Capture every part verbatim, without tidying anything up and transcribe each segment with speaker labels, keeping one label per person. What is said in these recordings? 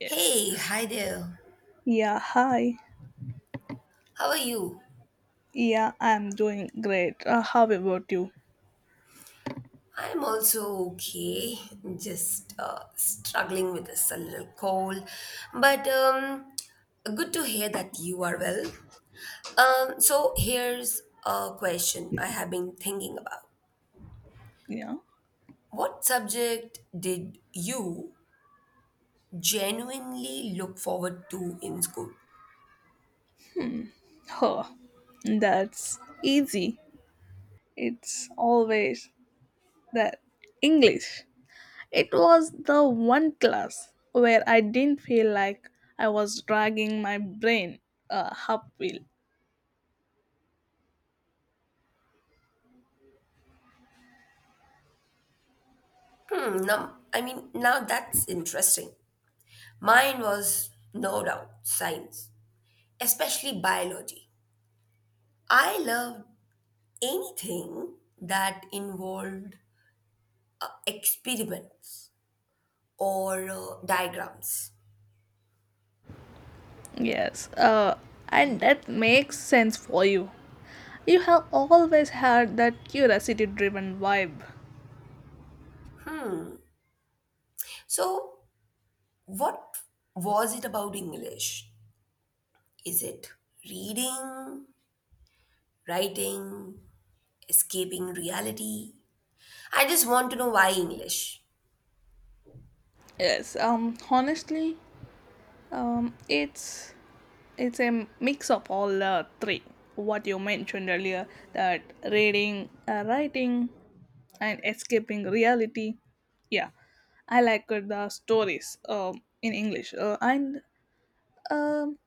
Speaker 1: Yes.
Speaker 2: Hey, hi there.
Speaker 1: Yeah, hi.
Speaker 2: How are you?
Speaker 1: Yeah, I'm doing great. Uh, how about you?
Speaker 2: I'm also okay. Just uh, struggling with this a little cold, but um, good to hear that you are well. Um, so here's a question I have been thinking about.
Speaker 1: Yeah.
Speaker 2: What subject did you genuinely look forward to in school?
Speaker 1: Oh, that's easy. It's always that English. It was the one class where I didn't feel like I was dragging my brain uh, uphill.
Speaker 2: Hmm. Now, I mean, now that's interesting. Mine was no doubt science, especially biology. I loved anything that involved uh, experiments or uh, diagrams.
Speaker 1: Yes, uh, and that makes sense for you. You have always had that curiosity driven vibe.
Speaker 2: Hmm. So, what was it about English? Is it reading, writing, escaping reality? I just want to know why English.
Speaker 1: Yes, um, honestly, um, it's it's a mix of all uh, three what you mentioned earlier, that reading, uh, writing, and escaping reality. Yeah, I like the stories, um, in English, uh, and um,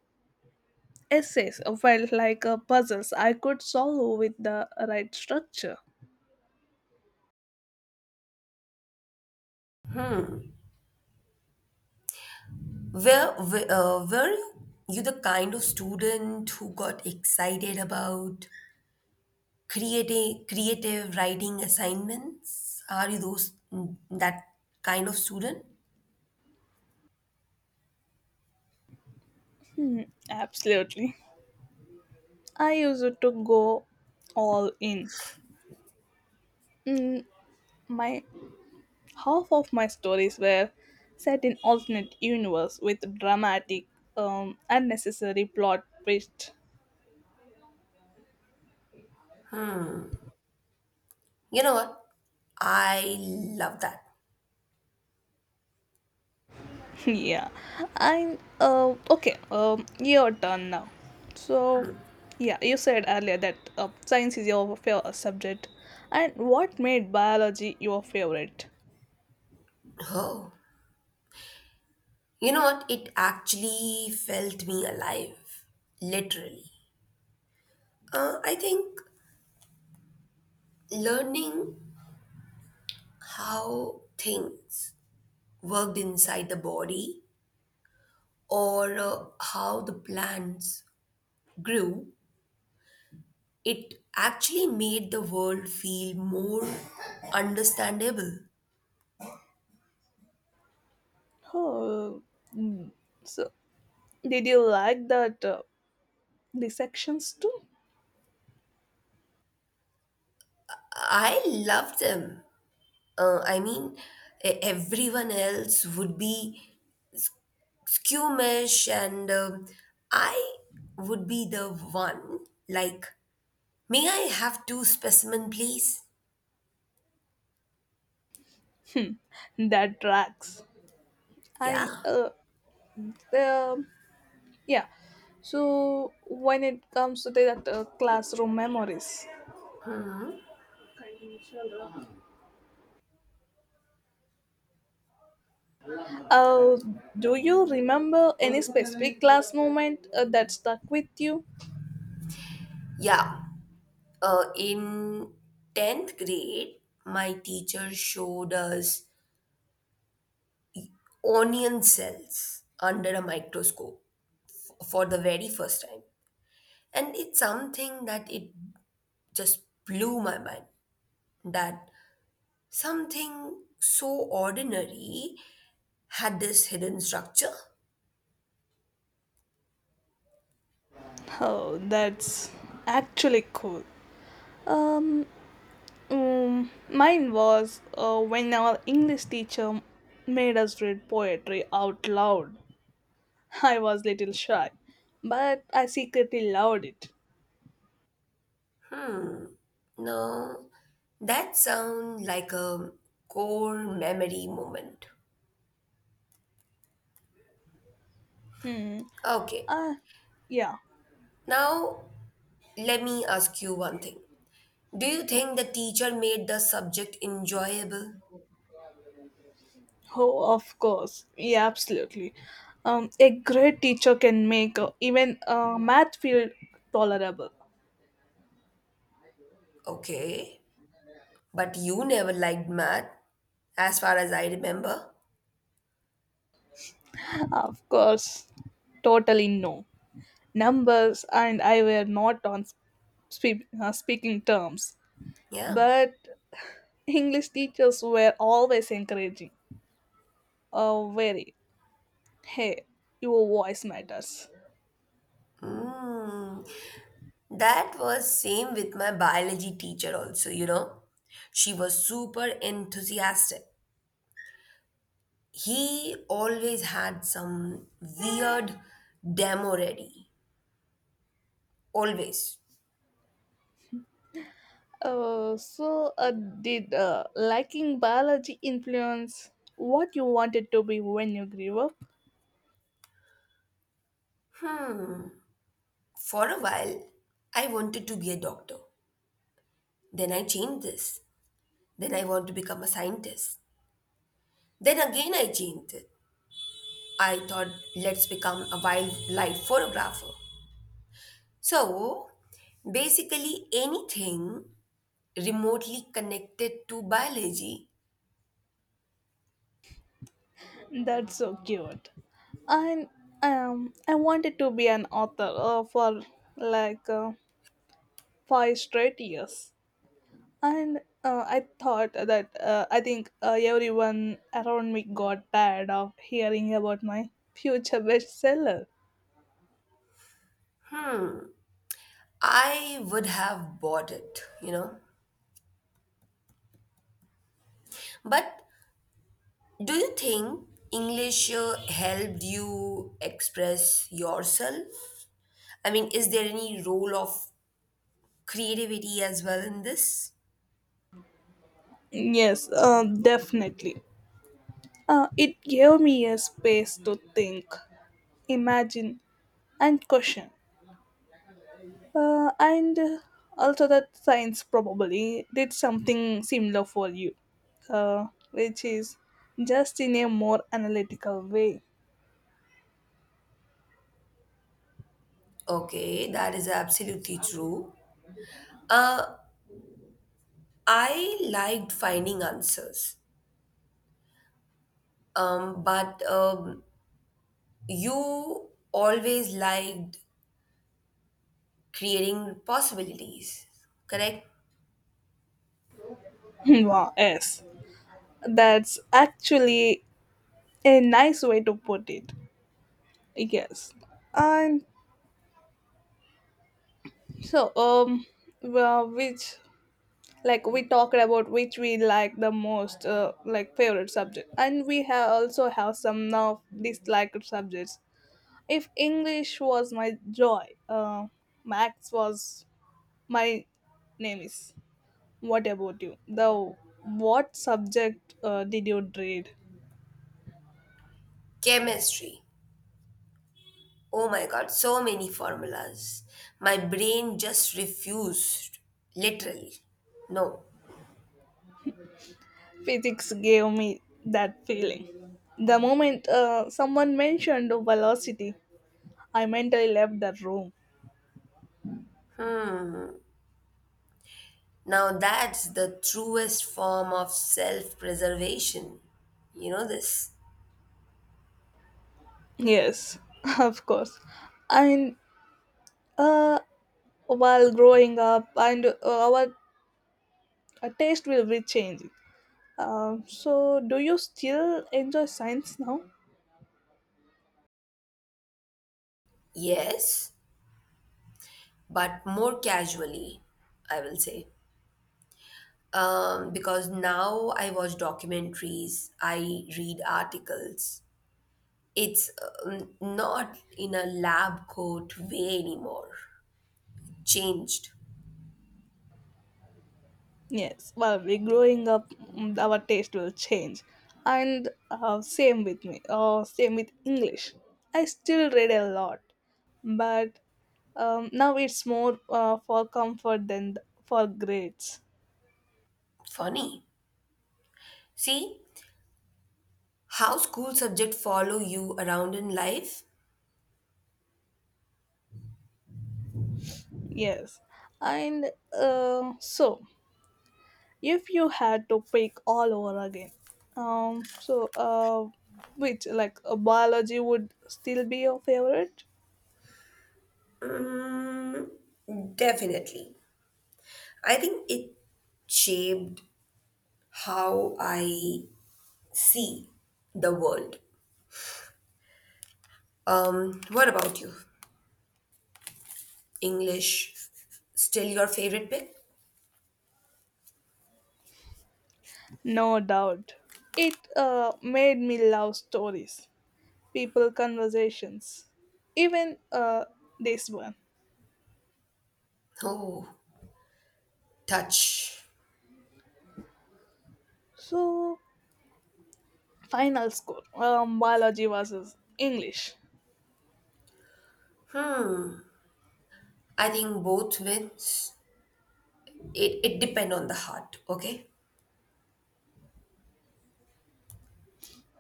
Speaker 1: essays felt like uh, puzzles I could solve with the right structure.
Speaker 2: Hmm. Where, where uh, were you the kind of student who got excited about creating creative writing assignments, are you those that kind of student?
Speaker 1: Absolutely. I used to go all in. Mm, my half of my stories were set in alternate universe with dramatic, um, unnecessary plot twist.
Speaker 2: You know what, I love that.
Speaker 1: Yeah. And uh, okay, um, your turn now. So yeah, you said earlier that uh, science is your favorite subject. And what made biology your favorite?
Speaker 2: Oh, you know what, it actually felt me alive, literally. uh, I think learning how things worked inside the body or uh, how the plants grew, it actually made the world feel more understandable.
Speaker 1: Oh, so did you like that, uh, the sections too?
Speaker 2: I love them. Uh, I mean, e- everyone else would be s- squeamish, and um, I would be the one like, may I have two specimen, please?
Speaker 1: That tracks. And
Speaker 2: Yeah.
Speaker 1: uh, the. Yeah. So when it comes to that, uh, classroom memories, uh, do you remember any specific class moment uh, that stuck with you?
Speaker 2: Yeah. Uh, in tenth grade, my teacher showed us onion cells under a microscope for the very first time. And it's something that it just blew my mind that something so ordinary had this hidden structure.
Speaker 1: Oh, that's actually cool. Um, mm, Mine was uh, when our English teacher made us read poetry out loud. I was little shy, but I secretly loved it.
Speaker 2: Now, that sounds like a core memory moment.
Speaker 1: Hmm.
Speaker 2: Okay,
Speaker 1: Uh, yeah.
Speaker 2: now let me ask you one thing. Do you think the teacher made the subject enjoyable?
Speaker 1: Oh, of course. Yeah, absolutely. Um, a great teacher can make uh, even uh, math feel tolerable.
Speaker 2: Okay, but you never liked math, as far as I remember.
Speaker 1: Of course, totally no. Numbers and I were not on spe- uh, speaking terms,
Speaker 2: Yeah.
Speaker 1: but English teachers were always encouraging. Uh, very, hey, your voice matters.
Speaker 2: Mm. That was same with my biology teacher also, you know. She was super enthusiastic. He always had some weird demo ready. Always.
Speaker 1: Uh, so, uh, did uh, liking biology influence what you wanted to be when you grew up?
Speaker 2: For a while, I wanted to be a doctor. Then I changed this. Then I want to become a scientist. Then again I changed it. I thought let's become a wildlife photographer. So basically anything remotely connected to biology.
Speaker 1: That's so cute. And um I wanted to be an author, uh, for like uh, five straight years, and uh, I thought that uh, I think uh, everyone around me got tired of hearing about my future bestseller.
Speaker 2: I would have bought it, you know. But do you think English uh, helped you express yourself? I mean, is there any role of creativity as well in this?
Speaker 1: Yes, um, definitely. Uh, it gave me a space to think, imagine, and question. Uh, and uh, Also that science probably did something similar for you, uh, which is just in a more analytical way.
Speaker 2: Okay, that is absolutely true. Uh, I liked finding answers, um, but um, you always liked creating possibilities, correct?
Speaker 1: Wow, yes, that's actually a nice way to put it. Yes, and so um, well, which, like, we talked about which we like the most, uh, like favorite subject, and we have also have some now disliked subjects. If English was my joy, uh, Max was my name is. What about you? The What subject uh, did you dread?
Speaker 2: Chemistry. Oh my god, so many formulas. My brain just refused, literally. No.
Speaker 1: Physics gave me that feeling. The moment uh, someone mentioned velocity, I mentally left the room.
Speaker 2: Now that's the truest form of self preservation. You know this?
Speaker 1: Yes, of course. And uh, while growing up, and uh, our uh, taste will be changing. Um, so, do you still enjoy science now?
Speaker 2: Yes, but more casually, I will say. Um, because now I watch documentaries, I read articles. It's um, not in a lab coat way anymore. Changed.
Speaker 1: Yes, well, we growing up, mm, our taste will change, and uh, same with me. Uh, same with English. I still read a lot, but um, now it's more uh, for comfort than th- for grades.
Speaker 2: Funny. See, how school subjects follow you around in life?
Speaker 1: Yes, and uh, so if you had to pick all over again, um, so uh, which, like uh, biology would still be your favorite?
Speaker 2: Mm, definitely. I think it shaped how I see the world. Um, what about you? English still your favorite pick?
Speaker 1: No doubt. It uh, made me love stories, people conversations, even uh, this one.
Speaker 2: Oh, touch.
Speaker 1: So final score, um, biology versus English.
Speaker 2: I think both wins. It it depend on the heart, okay?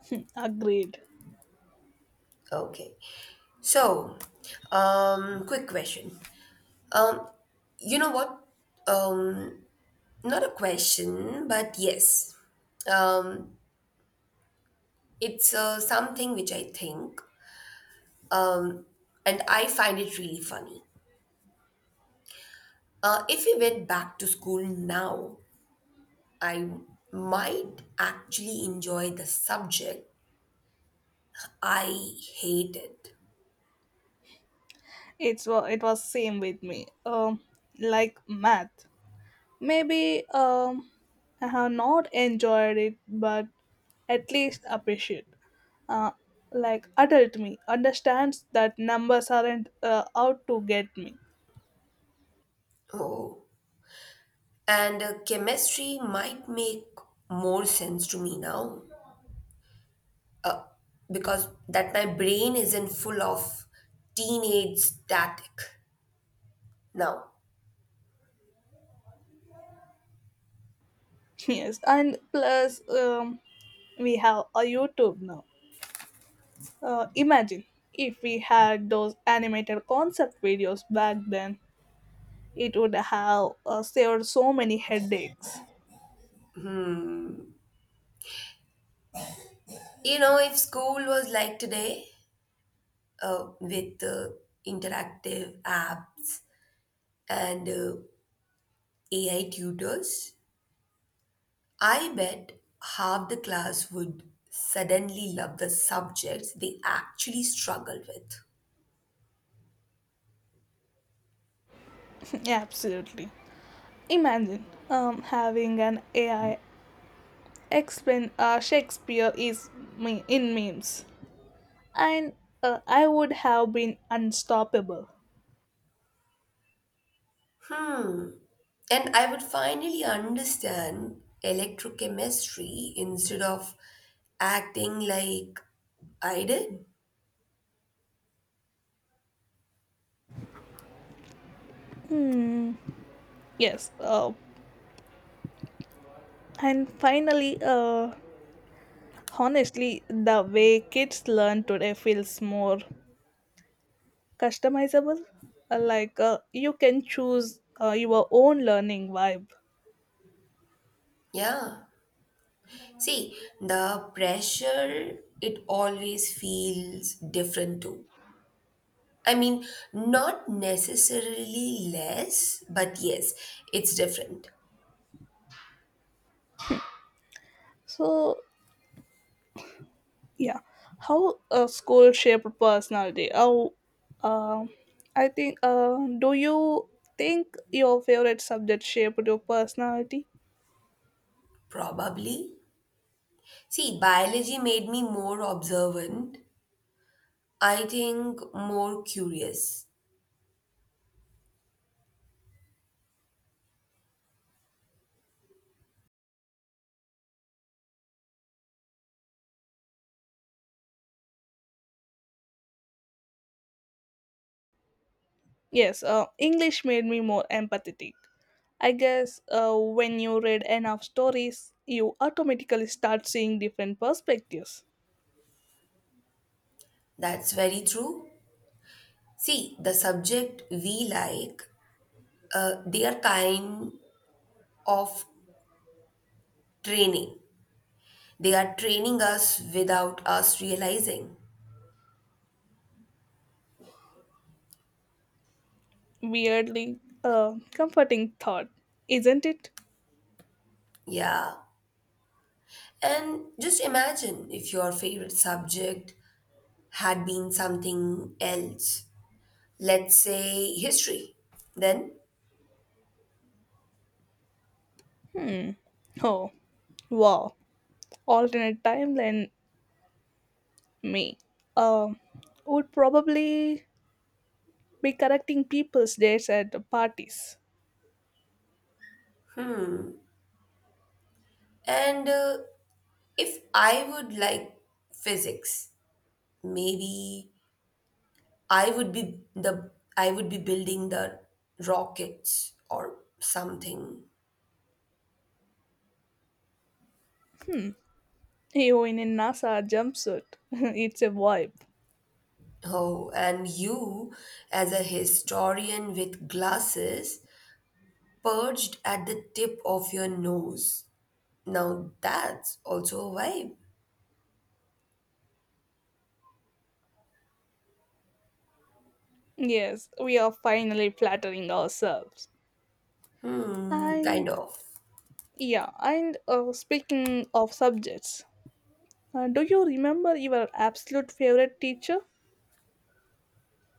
Speaker 1: Hmm, agreed.
Speaker 2: Okay. So, um, quick question. Um, you know what? Um, not a question, but yes. Um, it's uh, something which I think, um, and I find it really funny. Uh, if we went back to school now, I might actually enjoy the subject I hated.
Speaker 1: It's wa- it was same with me. um like Math maybe, um I have not enjoyed it, but at least appreciate, uh, like adult me understands that numbers aren't uh, out to get me.
Speaker 2: Oh. And uh, chemistry might make more sense to me now uh, because that my brain isn't full of teenage static now.
Speaker 1: Yes, and plus, um, we have a YouTube now. Uh, imagine if we had those animated concept videos back then, it would have uh, saved so many headaches.
Speaker 2: You know, if school was like today, uh, with uh, interactive apps and uh, A I tutors, I bet half the class would suddenly love the subjects they actually struggle with.
Speaker 1: Absolutely. Imagine um, having an A I explain uh, Shakespeare is me- in memes, and uh, I would have been unstoppable.
Speaker 2: And I would finally understand electrochemistry instead of acting like I did.
Speaker 1: Hmm. Yes. Uh, and finally, uh, honestly, the way kids learn today feels more customizable, uh, like uh, you can choose uh, your own learning vibe.
Speaker 2: Yeah. See, the pressure, it always feels different too. I mean, not necessarily less, but yes, it's different.
Speaker 1: So yeah, how uh, school shaped personality, how uh, I think uh, do you think your favorite subject shaped your personality?
Speaker 2: Probably. See, biology made me more observant. I think more curious.
Speaker 1: Yes, uh, English made me more empathetic. I guess uh, when you read enough stories, you automatically start seeing different perspectives.
Speaker 2: That's very true. See, the subject we like, uh, they are kind of training. They are training us without us realizing.
Speaker 1: Weirdly, uh, comforting thought, isn't it?
Speaker 2: Yeah. And just imagine if your favorite subject had been something else, let's say history, then.
Speaker 1: Hmm. Oh, wow. Alternate timeline me. Um, would probably be correcting people's dates at parties.
Speaker 2: And uh, if I would like physics, maybe I would be the I would be building the rockets or something.
Speaker 1: Hmm. You in a NASA jumpsuit. It's a vibe.
Speaker 2: Oh, and you as a historian with glasses perched at the tip of your nose, now that's also a vibe.
Speaker 1: Yes, we are finally flattering ourselves.
Speaker 2: Hmm, kind
Speaker 1: And
Speaker 2: of.
Speaker 1: yeah, and uh, speaking of subjects, uh, do you remember your absolute favorite teacher?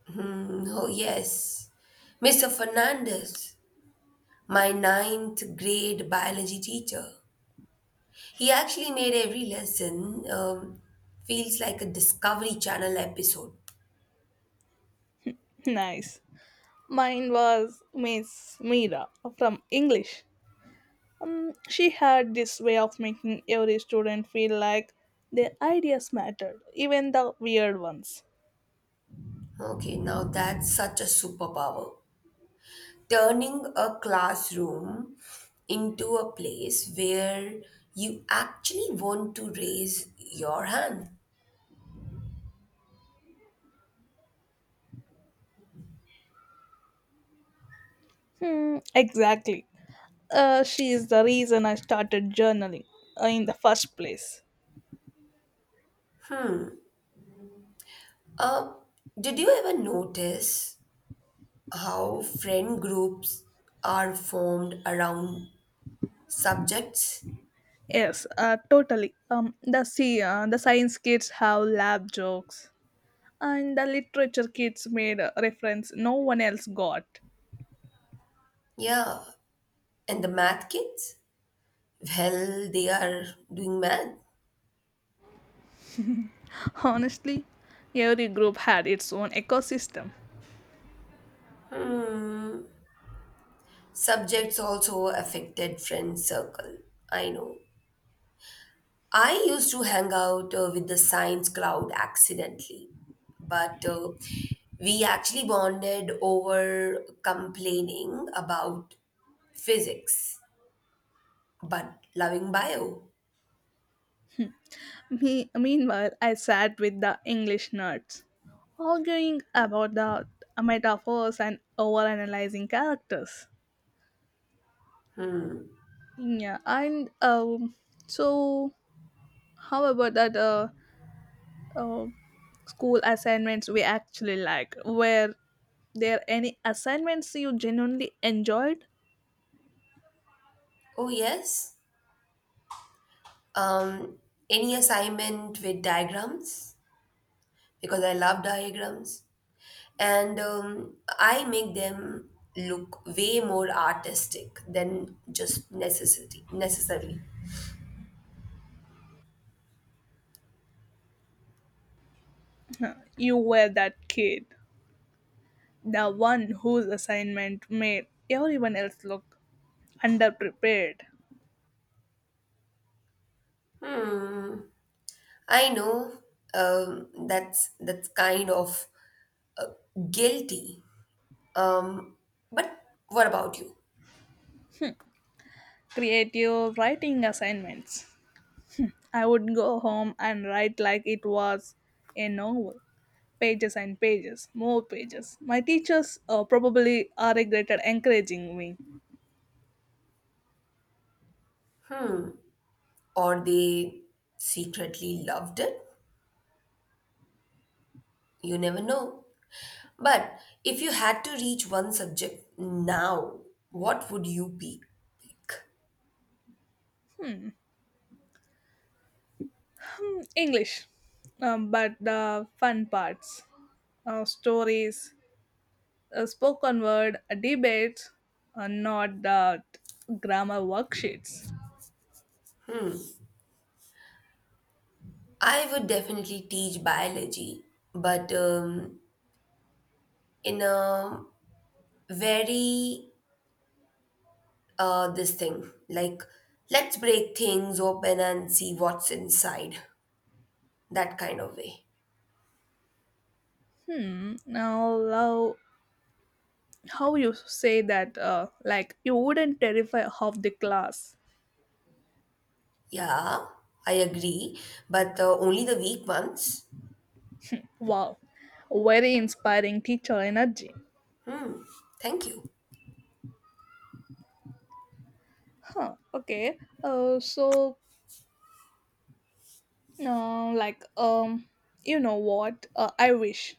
Speaker 2: Hmm, oh yes, mr fernandez, my ninth grade biology teacher. He actually made every lesson um, feels like a Discovery Channel episode.
Speaker 1: Nice. Mine was Miss Mira from English. Um, she had this way of making every student feel like their ideas mattered, even the weird ones.
Speaker 2: Okay, now that's such a superpower. Turning a classroom into a place where you actually want to raise your hand.
Speaker 1: Hmm, exactly. Uh, she is the reason I started journaling uh, in the first place.
Speaker 2: Uh, did you ever notice how friend groups are formed around subjects?
Speaker 1: Yes, uh, totally. Um, the See, uh, the science kids have lab jokes, and the literature kids made a reference no one else got.
Speaker 2: Yeah, and the math kids? Well, they are doing mad.
Speaker 1: Honestly, every group had its own ecosystem.
Speaker 2: Subjects also affected friend circle. I know. I used to hang out uh, with the science crowd accidentally, but uh, we actually bonded over complaining about physics, but loving bio.
Speaker 1: Me- meanwhile, I sat with the English nerds, arguing about the metaphors and overanalyzing characters. Yeah, and um, so how about that, uh, uh, school assignments we actually like? Were there any assignments you genuinely enjoyed?
Speaker 2: Oh, yes. Um, any assignment with diagrams? Because I love diagrams. And um, I make them look way more artistic than just necessity necessary.
Speaker 1: Huh, you were that kid, the one whose assignment made everyone else look underprepared.
Speaker 2: I know, um, that's that's kind of uh, guilty. Um, but what about you?
Speaker 1: Creative writing assignments. I would go home and write like it was a novel. Pages and pages, more pages. My teachers uh, probably uh, regretted encouraging me.
Speaker 2: Or they secretly loved it? You never know. But if you had to reach one subject now, what would you be? Pick?
Speaker 1: Hmm, English. Um, but the fun parts, uh, stories, uh, spoken word, uh, debates, uh, not the grammar worksheets.
Speaker 2: I would definitely teach biology, but um, in a very uh this thing like let's break things open and see what's inside, that kind of way.
Speaker 1: Hmm, now love how you say that, uh, like you wouldn't terrify half the class.
Speaker 2: Yeah, I agree, but uh, only the weak ones.
Speaker 1: Wow, very inspiring teacher energy.
Speaker 2: Thank you.
Speaker 1: Huh, okay, uh, so uh, like um you know what, uh, I wish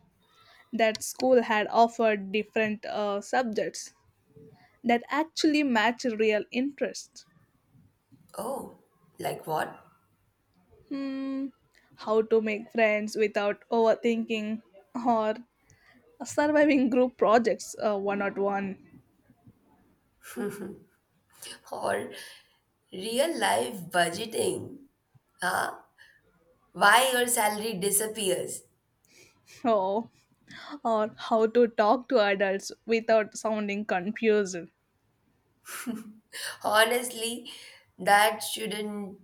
Speaker 1: that school had offered different uh, subjects that actually match real interests.
Speaker 2: Oh, like what?
Speaker 1: Hmm, how to make friends without overthinking, or surviving group projects, uh, one on one.
Speaker 2: Or real life budgeting, huh, why your salary disappears.
Speaker 1: Oh. Or how to talk to adults without sounding confused.
Speaker 2: Honestly, that shouldn't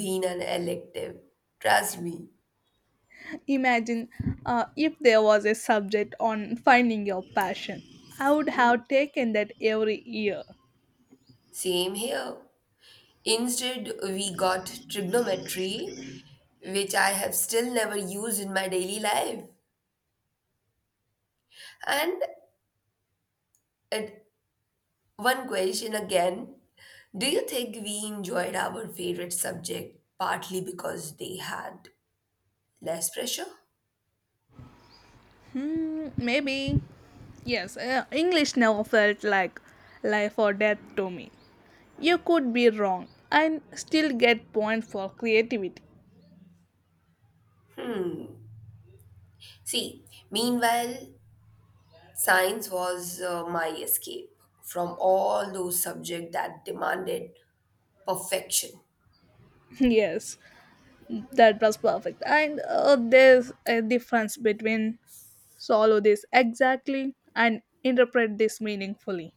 Speaker 2: be an elective, trust me.
Speaker 1: Imagine uh, if there was a subject on finding your passion. I would
Speaker 2: Mhm.
Speaker 1: have taken that every year.
Speaker 2: Same here. Instead, we got trigonometry, which I have still never used in my daily life. And at one question again, do you think we enjoyed our favorite subject partly because they had less pressure?
Speaker 1: Hmm, maybe. Yes, uh, English never felt like life or death to me. You could be wrong and still get points for creativity.
Speaker 2: See, meanwhile, science was uh, my escape from all those subjects that demanded perfection.
Speaker 1: Yes, that was perfect. And uh, there's a difference between swallow this exactly and interpret this meaningfully.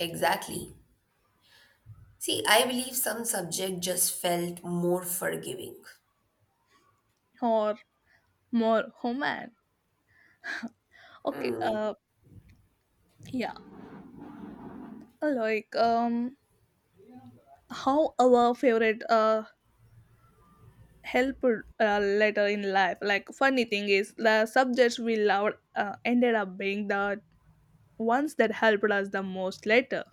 Speaker 2: Exactly. See, I believe some subject just felt more forgiving.
Speaker 1: Or more human. Okay, uh yeah. Uh, Like um how our favorite uh help uh, later in life. Like funny thing is the subjects we loved uh, ended up being the ones that helped us the most later.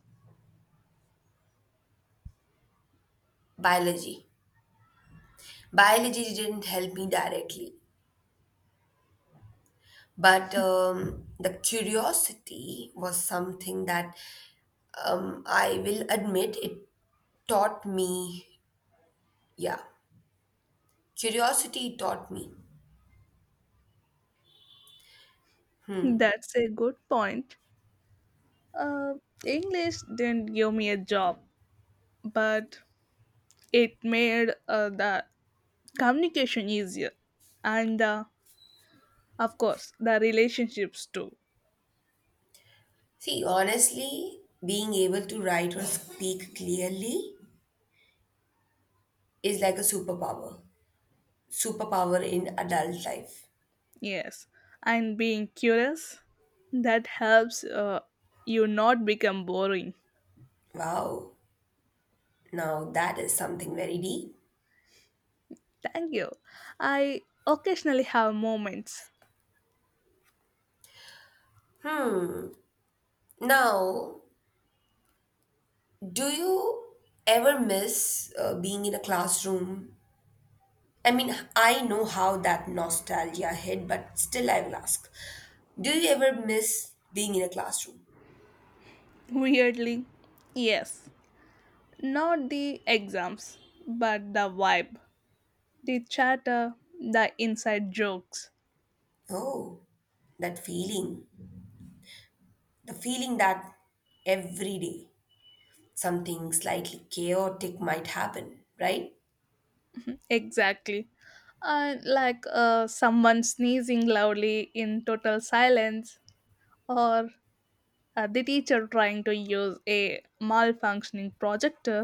Speaker 2: Biology. Biology didn't help me directly, but um, the curiosity was something that um, I will admit it taught me. Yeah, curiosity taught me.
Speaker 1: That's a good point. Uh, English didn't give me a job, but it made uh, the communication easier, and uh, of course the relationships too.
Speaker 2: See, honestly, being able to write or speak clearly is like a superpower. Superpower in adult life.
Speaker 1: Yes, and being curious, that helps uh, you not become boring.
Speaker 2: Wow. Now that is something very deep.
Speaker 1: Thank you, I occasionally have moments.
Speaker 2: Now, do you ever miss uh, being in a classroom? I mean, I know how that nostalgia hit, but still I will ask. Do you ever miss being in a classroom?
Speaker 1: Weirdly, yes, not the exams, but the vibe, the chatter, the inside jokes.
Speaker 2: Oh, that feeling. The feeling that every day something slightly chaotic might happen, right?
Speaker 1: Exactly. And like uh, someone sneezing loudly in total silence, or Uh, the teacher trying to use a malfunctioning projector,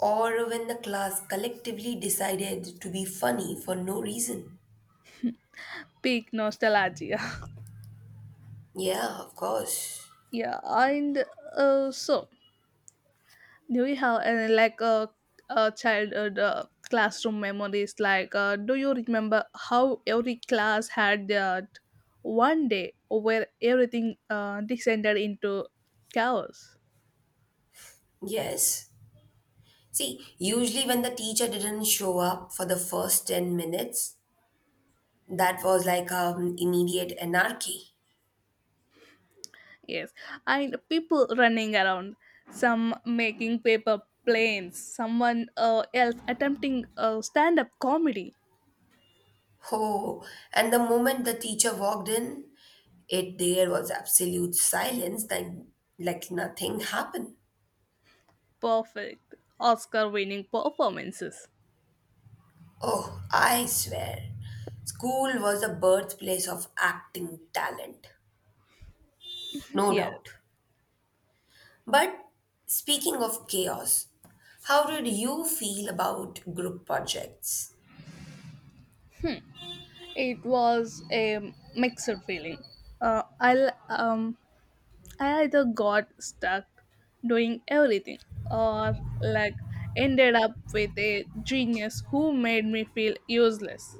Speaker 2: Or when the class collectively decided to be funny for no reason.
Speaker 1: peak nostalgia.
Speaker 2: Yeah, of course.
Speaker 1: Yeah, and uh, so do you have any like uh, uh, childhood uh, classroom memories? Like, uh, do you remember how every class had that one day where everything uh, descended into chaos?
Speaker 2: Yes. See, usually when the teacher didn't show up for the first ten minutes, that was like um, immediate anarchy.
Speaker 1: Yes, and people running around, some making paper planes, someone uh, else attempting uh, stand up comedy.
Speaker 2: Oh, and the moment the teacher walked in, it there was absolute silence, then like nothing happened.
Speaker 1: Perfect Oscar winning performances.
Speaker 2: Oh, I swear, school was the birthplace of acting talent, no
Speaker 1: Yes,
Speaker 2: doubt. But speaking of chaos, how did you feel about group projects?
Speaker 1: it was a mixed feeling. Uh, I um I either got stuck doing everything, or like ended up with a genius who made me feel useless.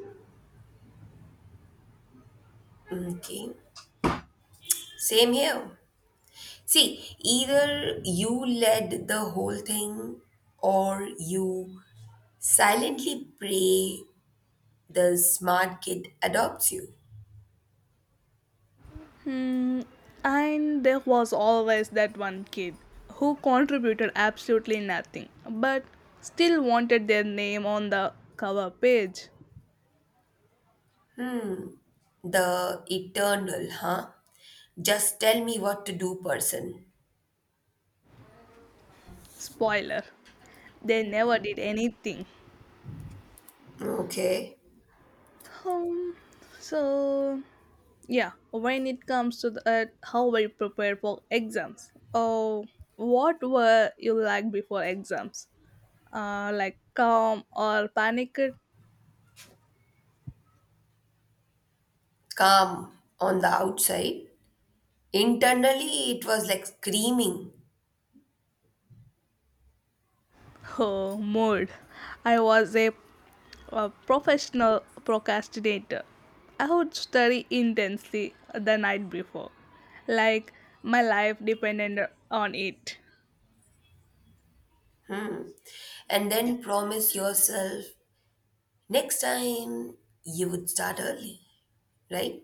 Speaker 2: Mm, okay, same here. See, either you led the whole thing or you silently pray the smart kid adopts you.
Speaker 1: Hmm. And there was always that one kid who contributed absolutely nothing, but still wanted their name on the cover page.
Speaker 2: The eternal, huh? Just tell me what to do, person.
Speaker 1: Spoiler, they never did anything.
Speaker 2: Okay.
Speaker 1: Um, so, yeah, when it comes to that, how were you prepared for exams? Oh, what were you like before exams? Uh, like calm or panicked?
Speaker 2: Calm on the outside. Internally, it was like screaming.
Speaker 1: Oh, mood. I was a a professional procrastinator. I would study intensely the night before, like my life depended on it.
Speaker 2: Hmm. And then promise yourself next time you would start early, right?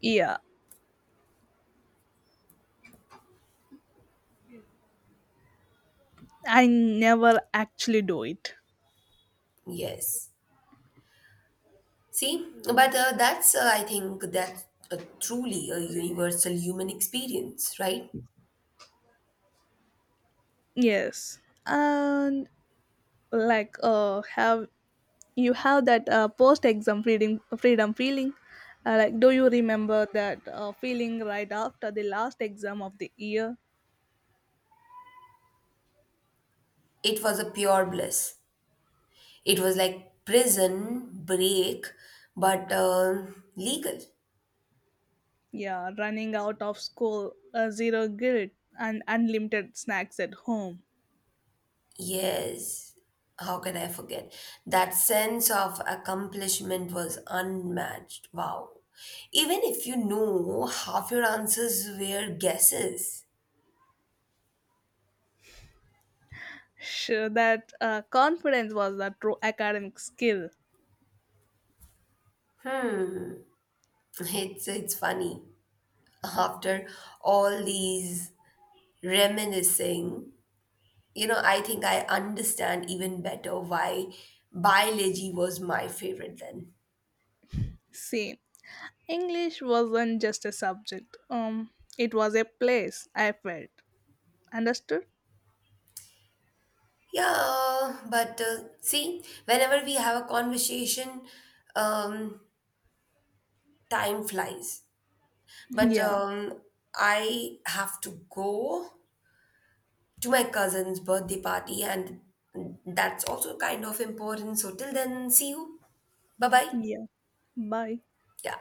Speaker 1: Yeah, I never actually do it.
Speaker 2: Yes. See, but uh, that's, uh, I think, that's uh, truly a universal human experience, right?
Speaker 1: Yes, and like uh, have you have that uh, post-exam freedom freedom feeling? Uh, like, do you remember that uh, feeling right after the last exam of the year?
Speaker 2: It was a pure bliss. It was like prison break, but uh, legal.
Speaker 1: Yeah, running out of school, uh, zero guilt, and unlimited snacks at home.
Speaker 2: Yes, how can I forget? That sense of accomplishment was unmatched. Wow. Even if you know half your answers were guesses.
Speaker 1: Sure, that uh, confidence was the true academic skill.
Speaker 2: Hmm, it's it's funny. After all these reminiscing, you know, I think I understand even better why biology was my favorite then.
Speaker 1: Same. English wasn't just a subject. Um, it was a place I felt understood.
Speaker 2: Yeah, but uh, see, whenever we have a conversation, um, time flies. But
Speaker 1: Yeah,
Speaker 2: um, I have to go to my cousin's birthday party, and that's also kind of important. So, till then, see you. Bye bye.
Speaker 1: yeah. Bye.
Speaker 2: Yeah.